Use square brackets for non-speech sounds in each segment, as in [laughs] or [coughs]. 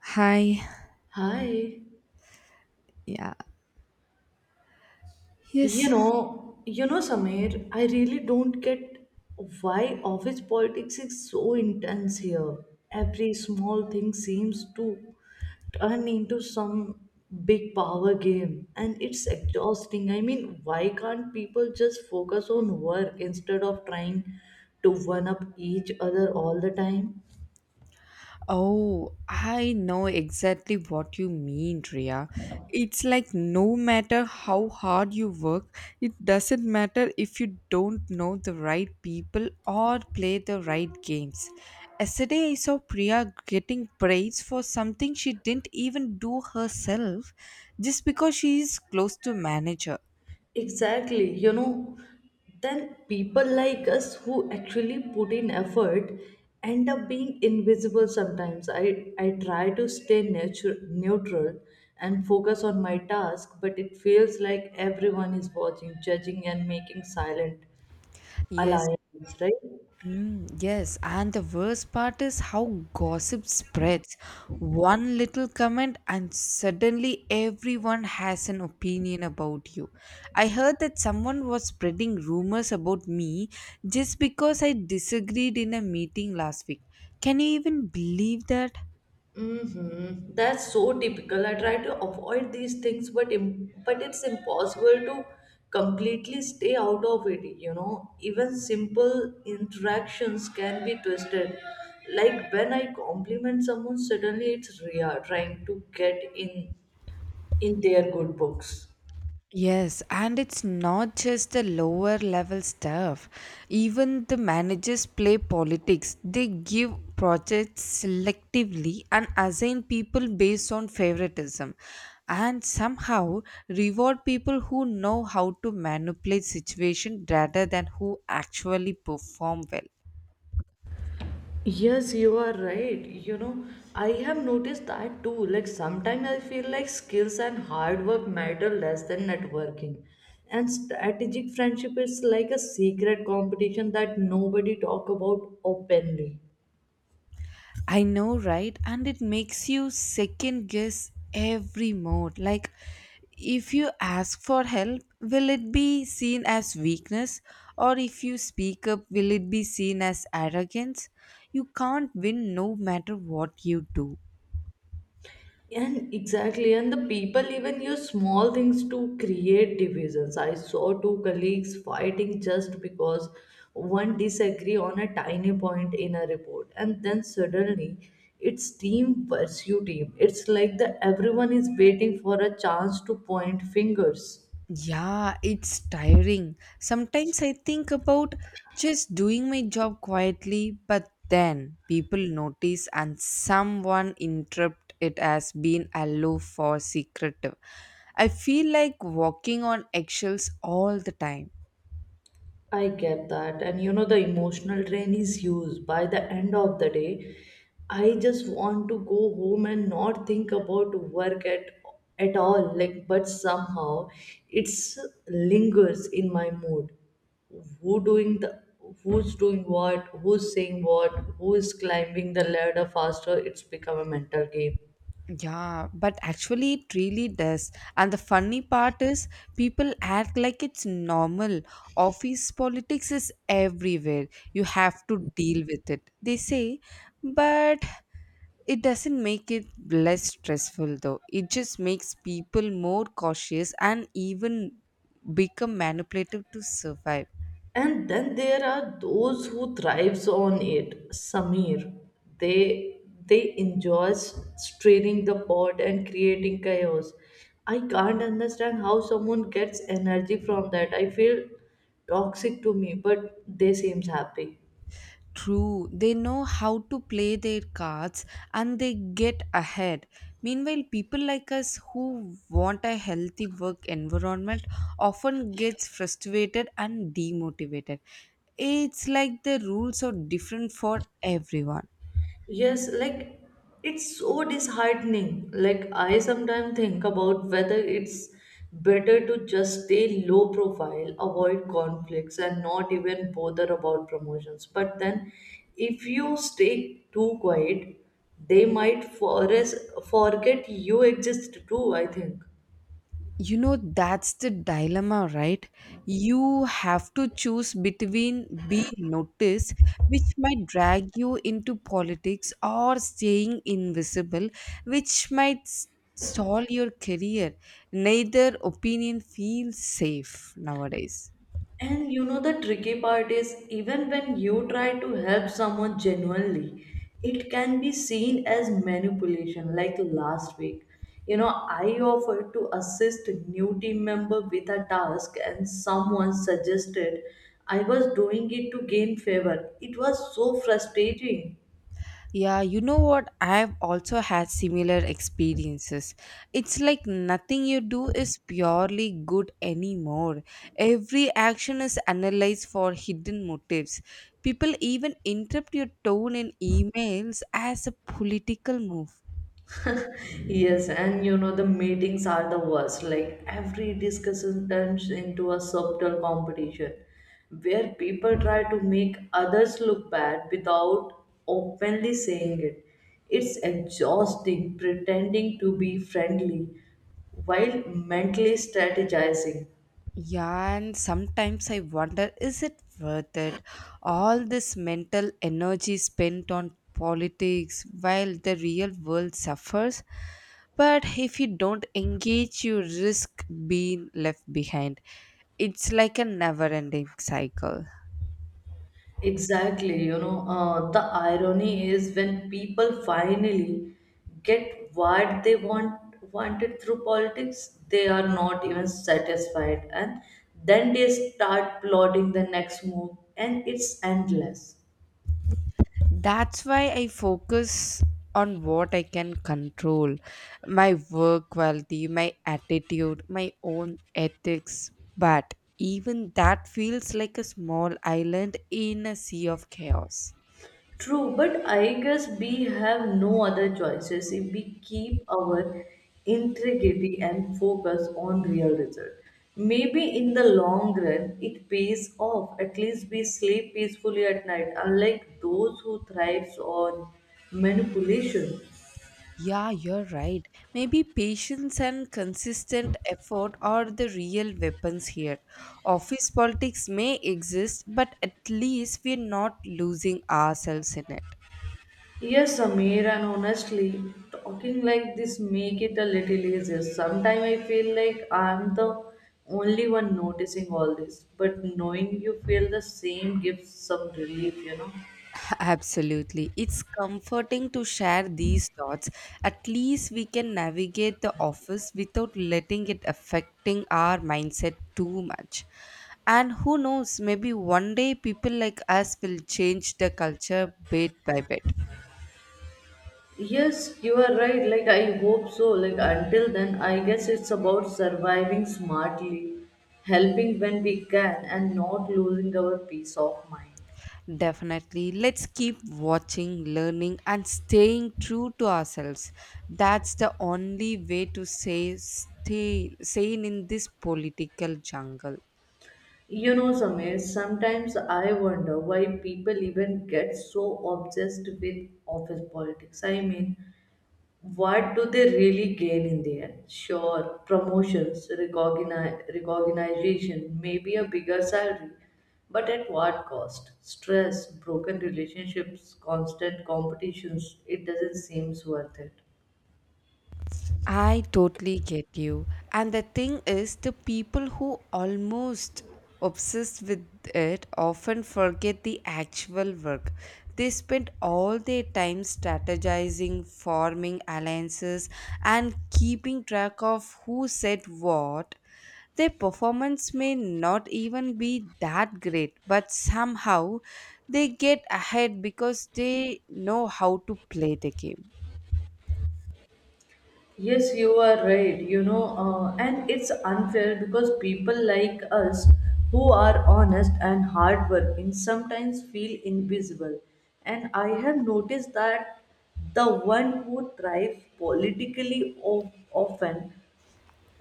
Hi. Hi. Yeah. Yes. You know, Samir, I really don't get why office politics is so intense here. Every small thing seems to turn into some big power game, and it's exhausting. I mean, why can't people just focus on work instead of trying to one up each other all the time? Oh, I know exactly what you mean, Ria. It's like no matter how hard you work, it doesn't matter if you don't know the right people or play the right games. Yesterday, I saw Priya getting praise for something she didn't even do herself just because she is close to manager. Exactly, you know, then people like us who actually put in effort end up being invisible sometimes. I try to stay neutral and focus on my task, but it feels like everyone is watching, judging, and making silent Yes, alliances, right? yes. And the worst part is how gossip spreads. One little comment, and suddenly everyone has an opinion about you. I heard that someone was spreading rumors about me just because I disagreed in a meeting last week. Can you even believe that? Mm-hmm. That's so typical. I try to avoid these things, but but it's impossible to completely stay out of it. You know, even simple interactions can be twisted. Like when I compliment someone, suddenly it's Ria trying to get in their good books. Yes, and it's not just the lower level staff. Even the managers play politics. They give projects selectively and assign people based on favoritism and somehow reward people who know how to manipulate situation rather than who actually perform well. Yes, you are right. You know, I have noticed that too. Like sometimes I feel like skills and hard work matter less than networking. And strategic friendship is like a secret competition that nobody talk about openly. I know, right? And it makes you second guess every mode. Like, if you ask for help, will it be seen as weakness? Or if you speak up, will it be seen as arrogance? You can't win no matter what you do. And exactly, and the people even use small things to create divisions. I saw two colleagues fighting just because one disagree on a tiny point in a report, and then suddenly it's team versus team. It's like the everyone is waiting for a chance to point fingers. Yeah, it's tiring. Sometimes I think about just doing my job quietly, but then people notice and someone interrupt it as being aloof or secretive. I feel like walking on eggshells all the time. I get that. And you know, the emotional drain is huge. By the end of the day, I just want to go home and not think about work at all. Like, but somehow it's lingers in my mood. Who doing the who's doing what, who's saying what, who is climbing the ladder faster, it's become a mental game. Yeah, but actually, it really does. And the funny part is, people act like it's normal. Office politics is everywhere. You have to deal with it, they say. But it doesn't make it less stressful, though. It just makes people more cautious and even become manipulative to survive. And then there are those who thrives on it, Sameer. They they enjoy straining the pot and creating chaos. I can't understand how someone gets energy from that. I feel toxic to me, but they seems happy. True, they know how to play their cards and they get ahead. Meanwhile, people like us who want a healthy work environment often gets frustrated and demotivated. It's like the rules are different for everyone. Yes, like it's so disheartening. Like I sometimes think about whether it's better to just stay low profile, avoid conflicts, and not even bother about promotions. But then, if you stay too quiet, they might forget you exist too, I think. You know, that's the dilemma, right? You have to choose between being noticed, which might drag you into politics, or staying invisible, which might stall your career. Neither opinion feels safe nowadays. And you know, the tricky part is even when you try to help someone genuinely, it can be seen as manipulation. Like last week, you know, I offered to assist new team member with a task, and someone suggested I was doing it to gain favor. It was so frustrating. Yeah, you know what? I've also had similar experiences. It's like nothing you do is purely good anymore. Every action is analyzed for hidden motives. People even interpret your tone in emails as a political move. Yes, and you know the meetings are the worst. Like every discussion turns into a subtle competition where people try to make others look bad without openly saying it. It's exhausting pretending to be friendly while mentally strategizing. Yeah, and sometimes I wonder, is it worth it? All this mental energy spent on politics while the real world suffers. But if you don't engage, you risk being left behind. It's like a never ending cycle. Exactly, you know, the irony is when people finally get what they want wanted through politics, they are not even satisfied, and then they start plotting the next move, and it's endless. That's why I focus on what I can control: my work quality, my attitude, my own ethics. But even that feels like a small island in a sea of chaos. True, but I guess we have no other choices if we keep our integrity and focus on real result. Maybe in the long run it pays off. At least we sleep peacefully at night, unlike those who thrives on manipulation. Yeah, you're right. Maybe patience and consistent effort are the real weapons here. Office politics may exist, but at least we're not losing ourselves in it. Yes, Samir, and honestly, talking like this make it a little easier. Sometimes I feel like I'm the only one noticing all this, but knowing you feel the same gives some relief, you know. [laughs] Absolutely. It's comforting to share these thoughts. At least we can navigate the office without letting it affecting our mindset too much. And who knows, maybe one day people like us will change the culture bit by bit. Yes, you are right. Like I hope so. Like until then, I guess it's about surviving smartly, helping when we can, and not losing our peace of mind. Definitely. Let's keep watching, learning, and staying true to ourselves. That's the only way to say stay sane in this political jungle. You know, Samir, sometimes I wonder why people even get so obsessed with office politics. I mean, what do they really gain in the end? Sure, promotions, recognition, maybe a bigger salary, but at what cost? Stress, broken relationships, constant competitions, it doesn't seem worth it. I totally get you. And the thing is, the people who almost obsessed with it often forget the actual work. They spend all their time strategizing, forming alliances, and keeping track of who said what. Their performance may not even be that great, but somehow they get ahead because they know how to play the game. Yes, you are right. You know, and it's unfair because people like us who are honest and hardworking sometimes feel invisible. And I have noticed that the one who thrive politically of, often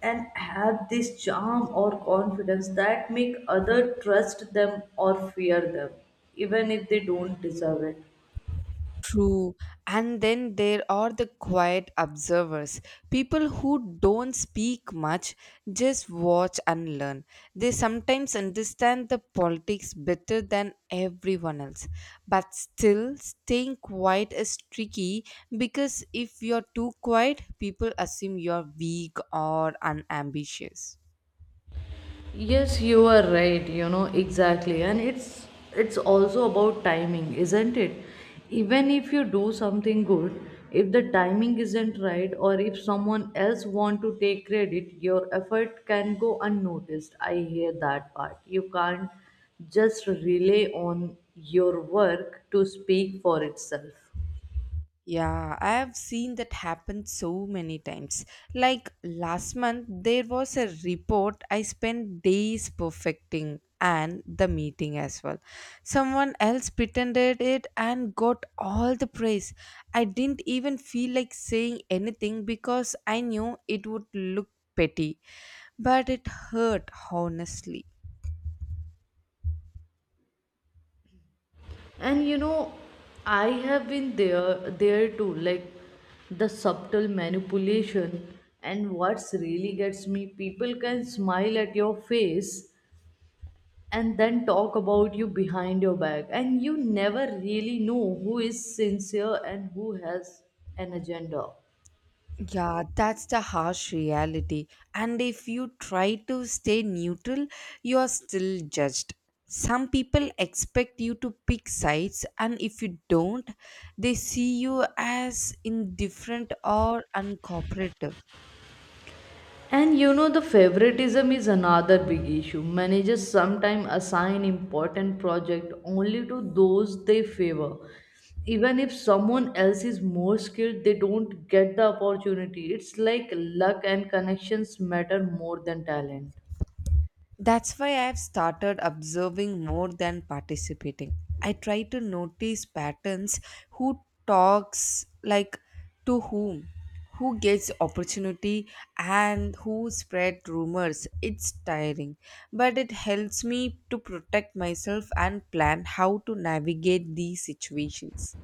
and have this charm or confidence that make other trust them or fear them, even if they don't deserve it. True. And then there are the quiet observers, people who don't speak much, just watch and learn. They sometimes understand the politics better than everyone else. But still, staying quiet is tricky because if you're too quiet, people assume you're weak or unambitious. Yes, you are right, you know, exactly. And it's also about timing, isn't it? Even if you do something good, if the timing isn't right or if someone else want to take credit, your effort can go unnoticed. I hear that part. You can't just rely on your work to speak for itself. Yeah, I have seen that happen so many times. Like last month, there was a report I spent days perfecting and the meeting as well. Someone else pretended it and got all the praise. I didn't even feel like saying anything because I knew it would look petty, but it hurt honestly. And you know, I have been there too. Like the subtle manipulation, and what's really gets me, people can smile at your face and then talk about you behind your back, and you never really know who is sincere and who has an agenda. Yeah, that's the harsh reality. And if you try to stay neutral, you are still judged. Some people expect you to pick sides, and if you don't, they see you as indifferent or uncooperative. And you know, the favoritism is another big issue. Managers sometimes assign important project only to those they favor. Even if someone else is more skilled, they don't get the opportunity. It's like luck and connections matter more than talent. That's why I've started observing more than participating. I try to notice patterns: who talks like to whom, who gets opportunity and who spread rumors. It's tiring, but it helps me to protect myself and plan how to navigate these situations.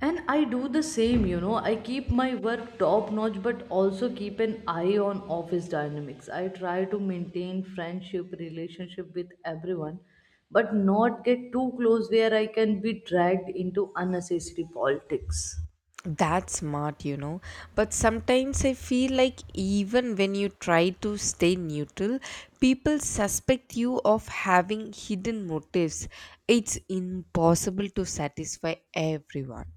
And I do the same, you know. I keep my work top notch, but also keep an eye on office dynamics. I try to maintain friendship, relationship with everyone, but not get too close where I can be dragged into unnecessary politics. That's smart, you know. But sometimes I feel like even when you try to stay neutral, people suspect you of having hidden motives. It's impossible to satisfy everyone.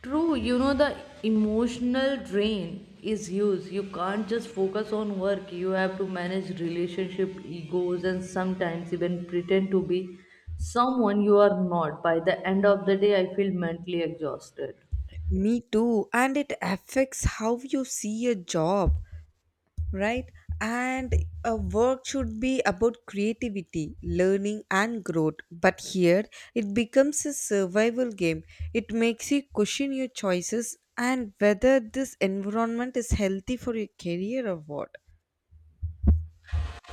True, you know, the emotional drain is huge. You can't just focus on work. You have to manage relationship, egos, and sometimes even pretend to be someone you are not. By the end of the day, I feel mentally exhausted. Me too, and it affects how you see a job, right? And a work should be about creativity, learning, and growth. But here it becomes a survival game. It makes you question your choices and whether this environment is healthy for your career or what.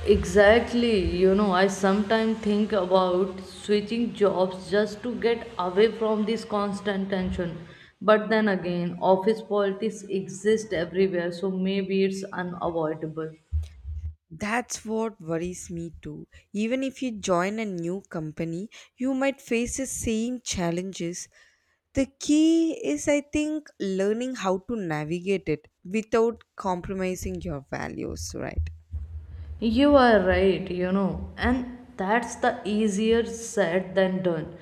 Exactly, you know, I sometimes think about switching jobs just to get away from this constant tension. But then again, office politics exist everywhere, so maybe it's unavoidable. That's what worries me too. Even if you join a new company, you might face the same challenges. The key is, I think, learning how to navigate it without compromising your values, right? You are right, you know, and that's the easier said than done.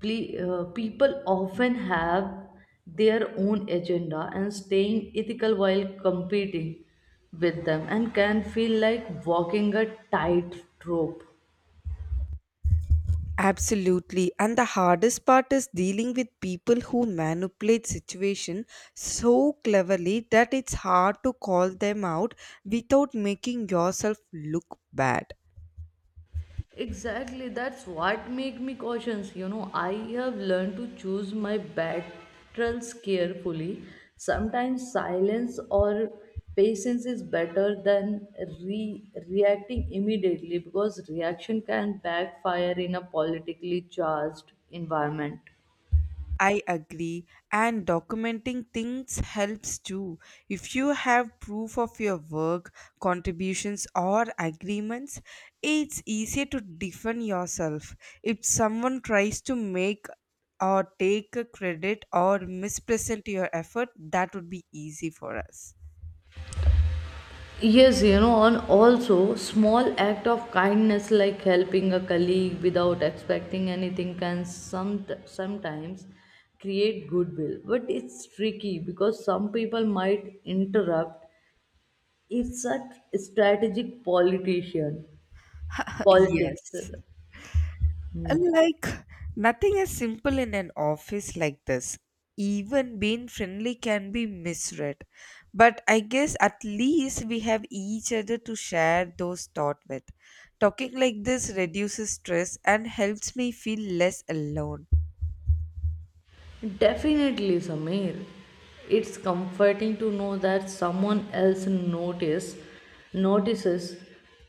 People often have their own agenda and staying ethical while competing with them and can feel like walking a tightrope. Absolutely. And the hardest part is dealing with people who manipulate situation so cleverly that it's hard to call them out without making yourself look bad. Exactly, that's what make me cautious. You know, I have learned to choose my battles carefully. Sometimes silence or patience is better than reacting immediately because reaction can backfire in a politically charged environment. I agree, and documenting things helps too. If you have proof of your work, contributions, or agreements, it's easier to defend yourself. If someone tries to make or take a credit or mispresent your effort, that would be easy for us. Yes, you know, and also small act of kindness like helping a colleague without expecting anything can sometimes create goodwill. But it's tricky because some people might interrupt. It's such strategic politician [laughs] politics. Yes. uh, Like, nothing is simple in an office like this. Even being friendly can be misread. But I guess at least we have each other to share those thoughts with. Talking like this reduces stress and helps me feel less alone. Definitely, Samir. It's comforting to know that someone else notices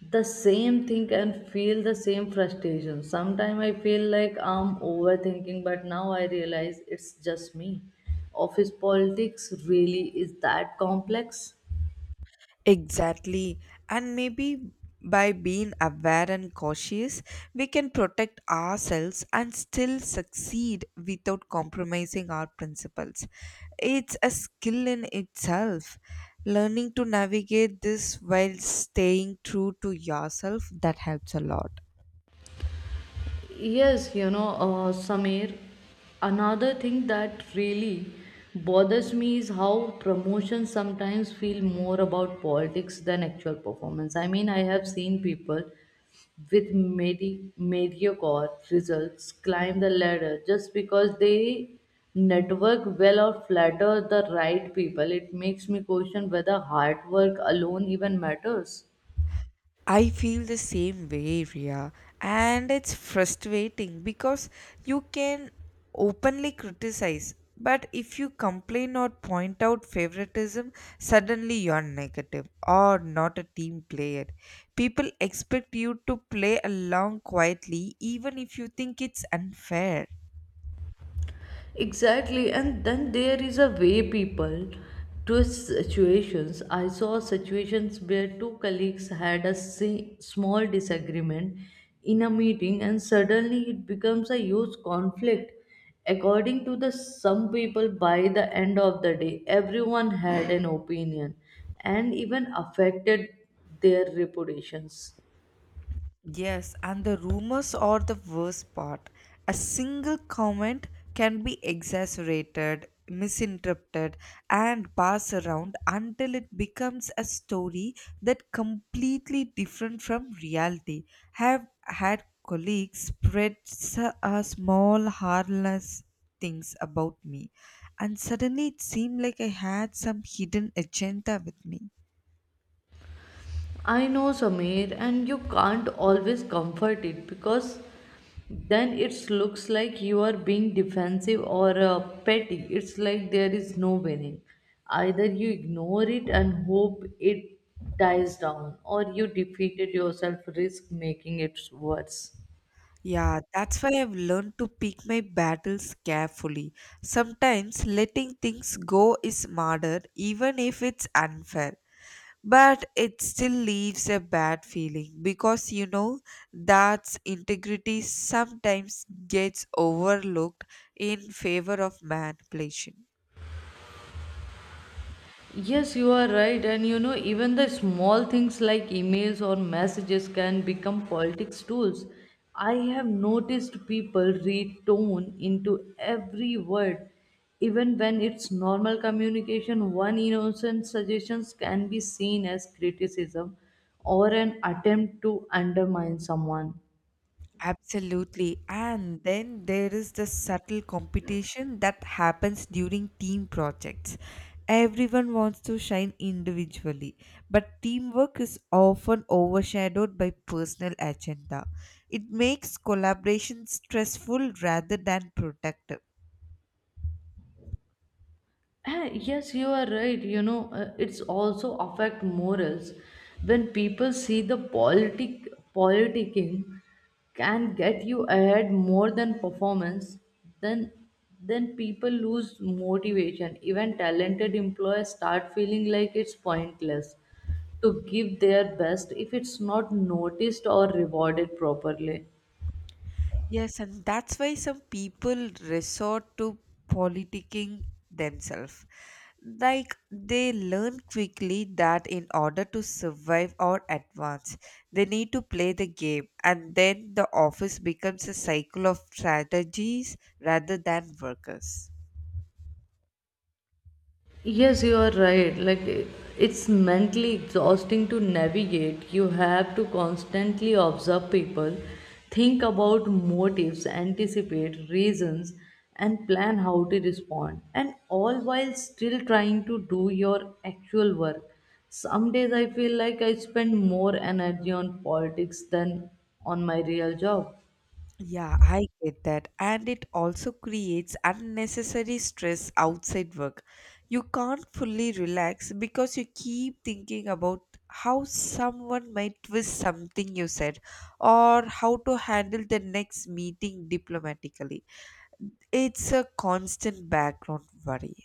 the same thing and feel the same frustration. Sometimes I feel like I'm overthinking, but now I realize it's just me. Office politics really is that complex. Exactly. And maybe by being aware and cautious, we can protect ourselves and still succeed without compromising our principles. It's a skill in itself. Learning to navigate this while staying true to yourself that helps a lot. Yes, you know, Samir, another thing that really bothers me is how promotions sometimes feel more about politics than actual performance. I mean, I have seen people with mediocre results climb the ladder just because they network well or flatter the right people. It makes me question whether hard work alone even matters. I feel the same way, Ria, and it's frustrating because you can openly criticize, but if you complain or point out favoritism, suddenly you're negative or not a team player. People expect you to play along quietly, even if you think it's unfair. Exactly, and then there is a way people twist situations. I saw situations where two colleagues had a small disagreement in a meeting, and suddenly it becomes a huge conflict. According to the some people, by the end of the day, everyone had an opinion, and even affected their reputations. Yes, and the rumors are the worst part. A single comment can be exaggerated, misinterpreted, and passed around until it becomes a story that completely different from reality. Have had colleagues spread a small harmless things about me, and suddenly it seemed like I had some hidden agenda with me. I know, Samir, and you can't always comfort it because then it looks like you are being defensive or petty. It's like there is no winning. Either you ignore it and hope it dies down, or you defeated yourself, risk making it worse. Yeah, that's why I've learned to pick my battles carefully. Sometimes letting things go is smarter, even if it's unfair. But it still leaves a bad feeling because you know that integrity sometimes gets overlooked in favor of manipulation. Yes, you are right. And you know, even the small things like emails or messages can become politics tools. I have noticed people read tone into every word. Even when it's normal communication, one innocent suggestions can be seen as criticism or an attempt to undermine someone. Absolutely. And then there is the subtle competition that happens during team projects. Everyone wants to shine individually, but teamwork is often overshadowed by personal agenda. It makes collaboration stressful rather than productive. Ah, yes, you are right. You know, it's also affect morals when people see the politicking can get you ahead more than performance. Then, then people lose motivation. Even talented employees start feeling like it's pointless to give their best if it's not noticed or rewarded properly. Yes, and that's why some people resort to politicking themselves. Like they learn quickly that in order to survive or advance, they need to play the game, and then the office becomes a cycle of strategies rather than workers. Yes, you are right. Like it's mentally exhausting to navigate. You have to constantly observe people, think about motives, anticipate reasons, and plan how to respond. And all while still trying to do your actual work. Some days I feel like I spend more energy on politics than on my real job. Yeah, I get that. And it also creates unnecessary stress outside work. You can't fully relax because you keep thinking about how someone might twist something you said or how to handle the next meeting diplomatically. It's a constant background worry.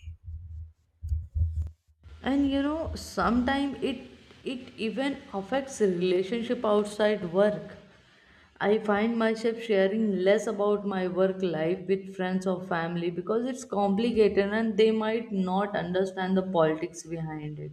And you know, sometimes it even affects relationship outside work. I find myself sharing less about my work life with friends or family because it's complicated and they might not understand the politics behind it.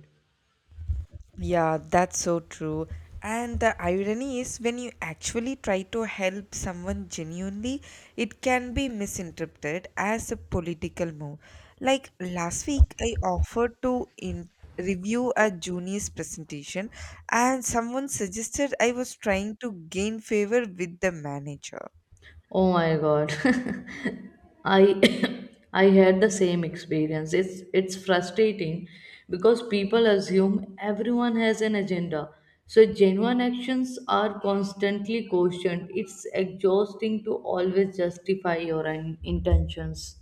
Yeah, that's so true. And the irony is, when you actually try to help someone genuinely, it can be misinterpreted as a political move. Like last week, I offered to in review a junior's presentation, and someone suggested I was trying to gain favor with the manager. Oh my God. [laughs] I [coughs] I had the same experience. It's frustrating because people assume everyone has an agenda. So genuine actions are constantly questioned. It's exhausting to always justify your intentions.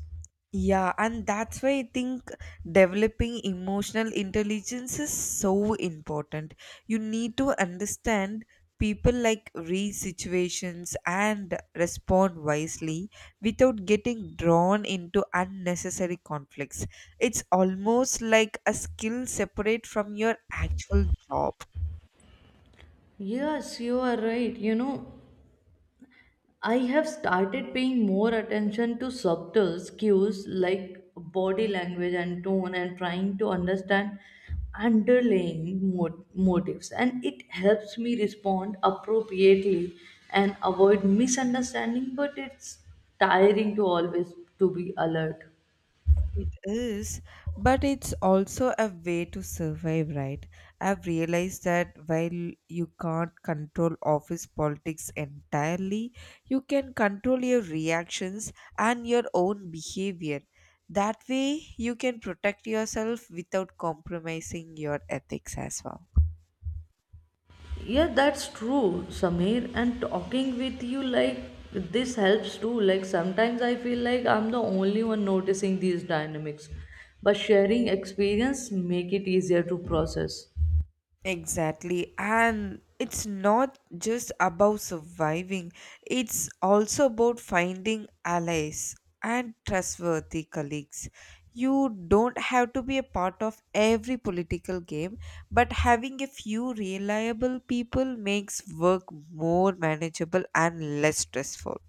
Yeah, and that's why I think developing emotional intelligence is so important. You need to understand people, like read situations and respond wisely without getting drawn into unnecessary conflicts. It's almost like a skill separate from your actual job. Yes, you are right. You know, I have started paying more attention to subtle cues like body language and tone and trying to understand underlying motives, and it helps me respond appropriately and avoid misunderstanding, but it's tiring to always to be alert. It is, but it's also a way to survive, right? I've realized that while you can't control office politics entirely, you can control your reactions and your own behavior. That way, you can protect yourself without compromising your ethics as well. Yeah, that's true, Samir. And talking with you, like, this helps too. Like, sometimes I feel like I'm the only one noticing these dynamics, but sharing experience make it easier to process. Exactly. And it's not just about surviving, it's also about finding allies and trustworthy colleagues. You don't have to be a part of every political game, but having a few reliable people makes work more manageable and less stressful.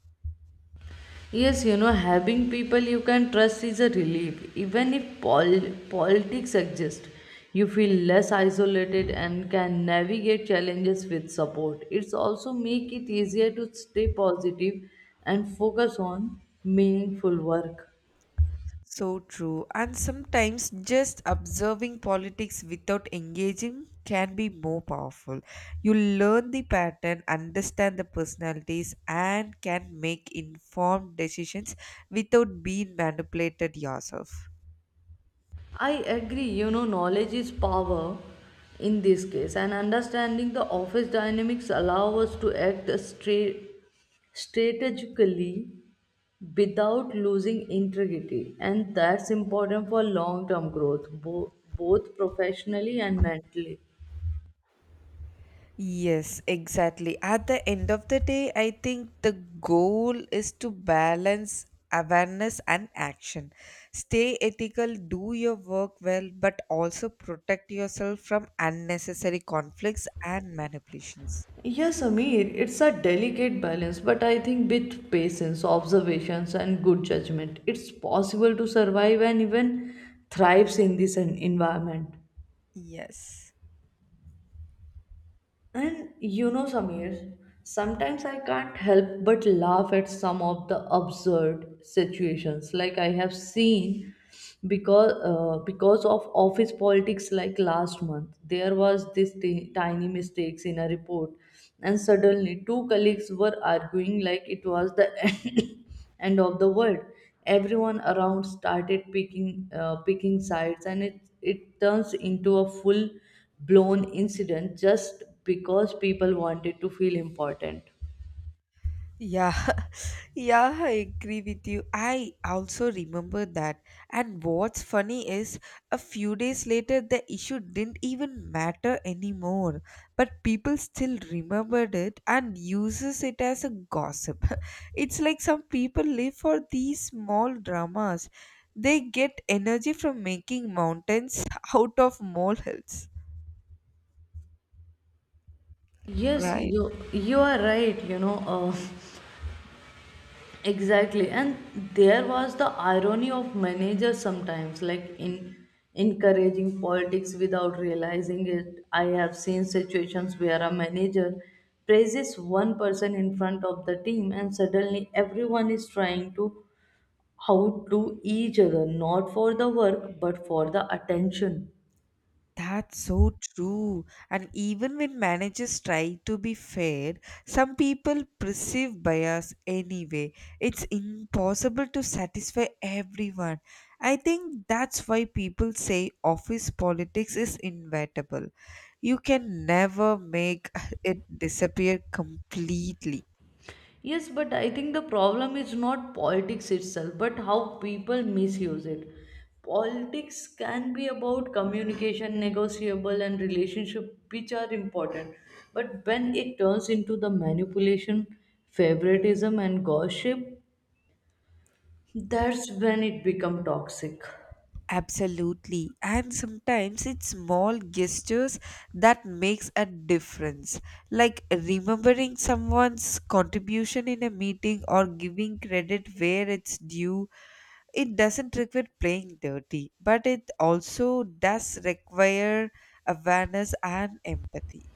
Yes, you know, having people you can trust is a relief. Even if politics exist, you feel less isolated and can navigate challenges with support. It's also make it easier to stay positive and focus on meaningful work. So true. And sometimes just observing politics without engaging can be more powerful. You learn the pattern, understand the personalities, and can make informed decisions without being manipulated yourself. I agree, you know, knowledge is power in this case, and understanding the office dynamics allow us to act strategically without losing integrity, and that's important for long term growth, both professionally and mentally. Yes, exactly. At the end of the day, I think the goal is to balance awareness and action. Stay ethical, do your work well, but also protect yourself from unnecessary conflicts and manipulations. Yes, Amir, it's a delicate balance, but I think with patience, observations, and good judgment, it's possible to survive and even thrives in this environment. Yes. And you know, Samir, sometimes I can't help but laugh at some of the absurd situations like I have seen because of office politics. Like last month there was this tiny mistakes in a report, and suddenly two colleagues were arguing like it was the [laughs] [coughs] end of the world. Everyone around started picking sides, and it turns into a full blown incident just because people wanted to feel important. Yeah, [laughs] yeah, I agree with you. I also remember that. And what's funny is, a few days later, the issue didn't even matter anymore. But people still remembered it and uses it as a gossip. [laughs] It's like some people live for these small dramas. They get energy from making mountains [laughs] out of molehills, Yes, right? you are right. You know, [laughs] exactly. And there was the irony of managers sometimes, like in encouraging politics without realizing it. I have seen situations where a manager praises one person in front of the team, and suddenly everyone is trying to outdo each other, not for the work but for the attention. That's so true. And even when managers try to be fair, some people perceive bias anyway. It's impossible to satisfy everyone. I think that's why people say office politics is inevitable. You can never make [laughs] it disappear completely. Yes, but I think the problem is not politics itself, but how people misuse it. Politics can be about communication, negotiable, and relationship, which are important. But when it turns into the manipulation, favoritism, and gossip, that's when it becomes toxic. Absolutely. And sometimes it's small gestures that makes a difference. Like remembering someone's contribution in a meeting or giving credit where it's due. It doesn't require playing dirty, but it also does require awareness and empathy.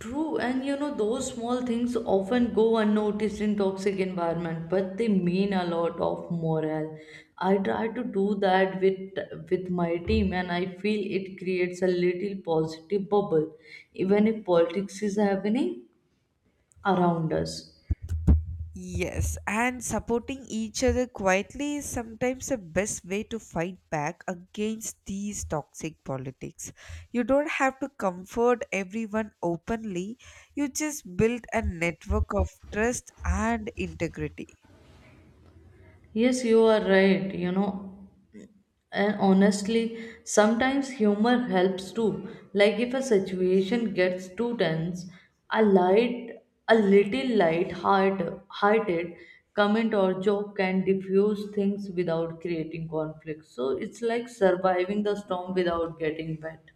True, and you know, those small things often go unnoticed in toxic environment, but they mean a lot of morale. I try to do that with my team, and I feel it creates a little positive bubble, even if politics is happening around us. Yes, and supporting each other quietly is sometimes the best way to fight back against these toxic politics. You don't have to comfort everyone openly, you just build a network of trust and integrity. Yes, you are right. You know, and honestly, sometimes humor helps too. Like if a situation gets too tense, a light, a little hearted comment or joke can diffuse things without creating conflict. So it's like surviving the storm without getting wet.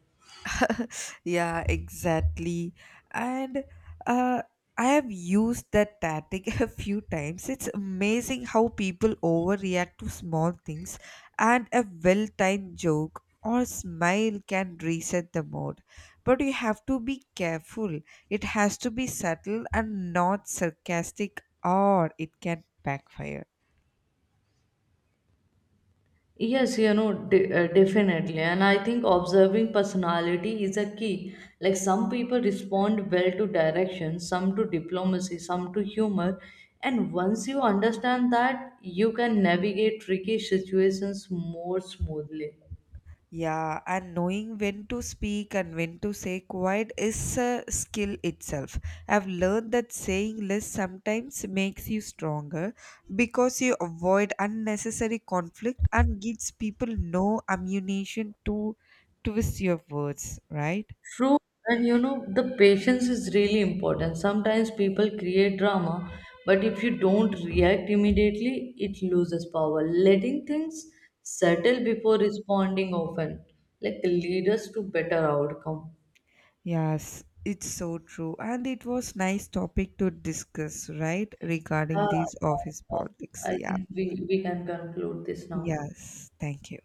[laughs] Yeah, exactly. And uh, I have used that tactic [laughs] a few times. It's amazing how people overreact to small things, and a well timed joke or smile can reset the mood. But you have to be careful, it has to be subtle and not sarcastic, or it can backfire. Yes, you know, definitely. And I think observing personality is a key. Like some people respond well to direction, some to diplomacy, some to humor. And once you understand that, you can navigate tricky situations more smoothly. Yeah, and knowing when to speak and when to say quiet is a skill itself. I've learned that saying less sometimes makes you stronger because you avoid unnecessary conflict and gives people no ammunition to twist your words, right? True, and you know, the patience is really important. Sometimes people create drama, but if you don't react immediately, it loses power. Letting things settle before responding often, like lead us to better outcome. Yes, it's so true. And it was nice topic to discuss, right? Yeah, Regarding these office politics. I Yeah. think we can conclude this now. Yes, thank you.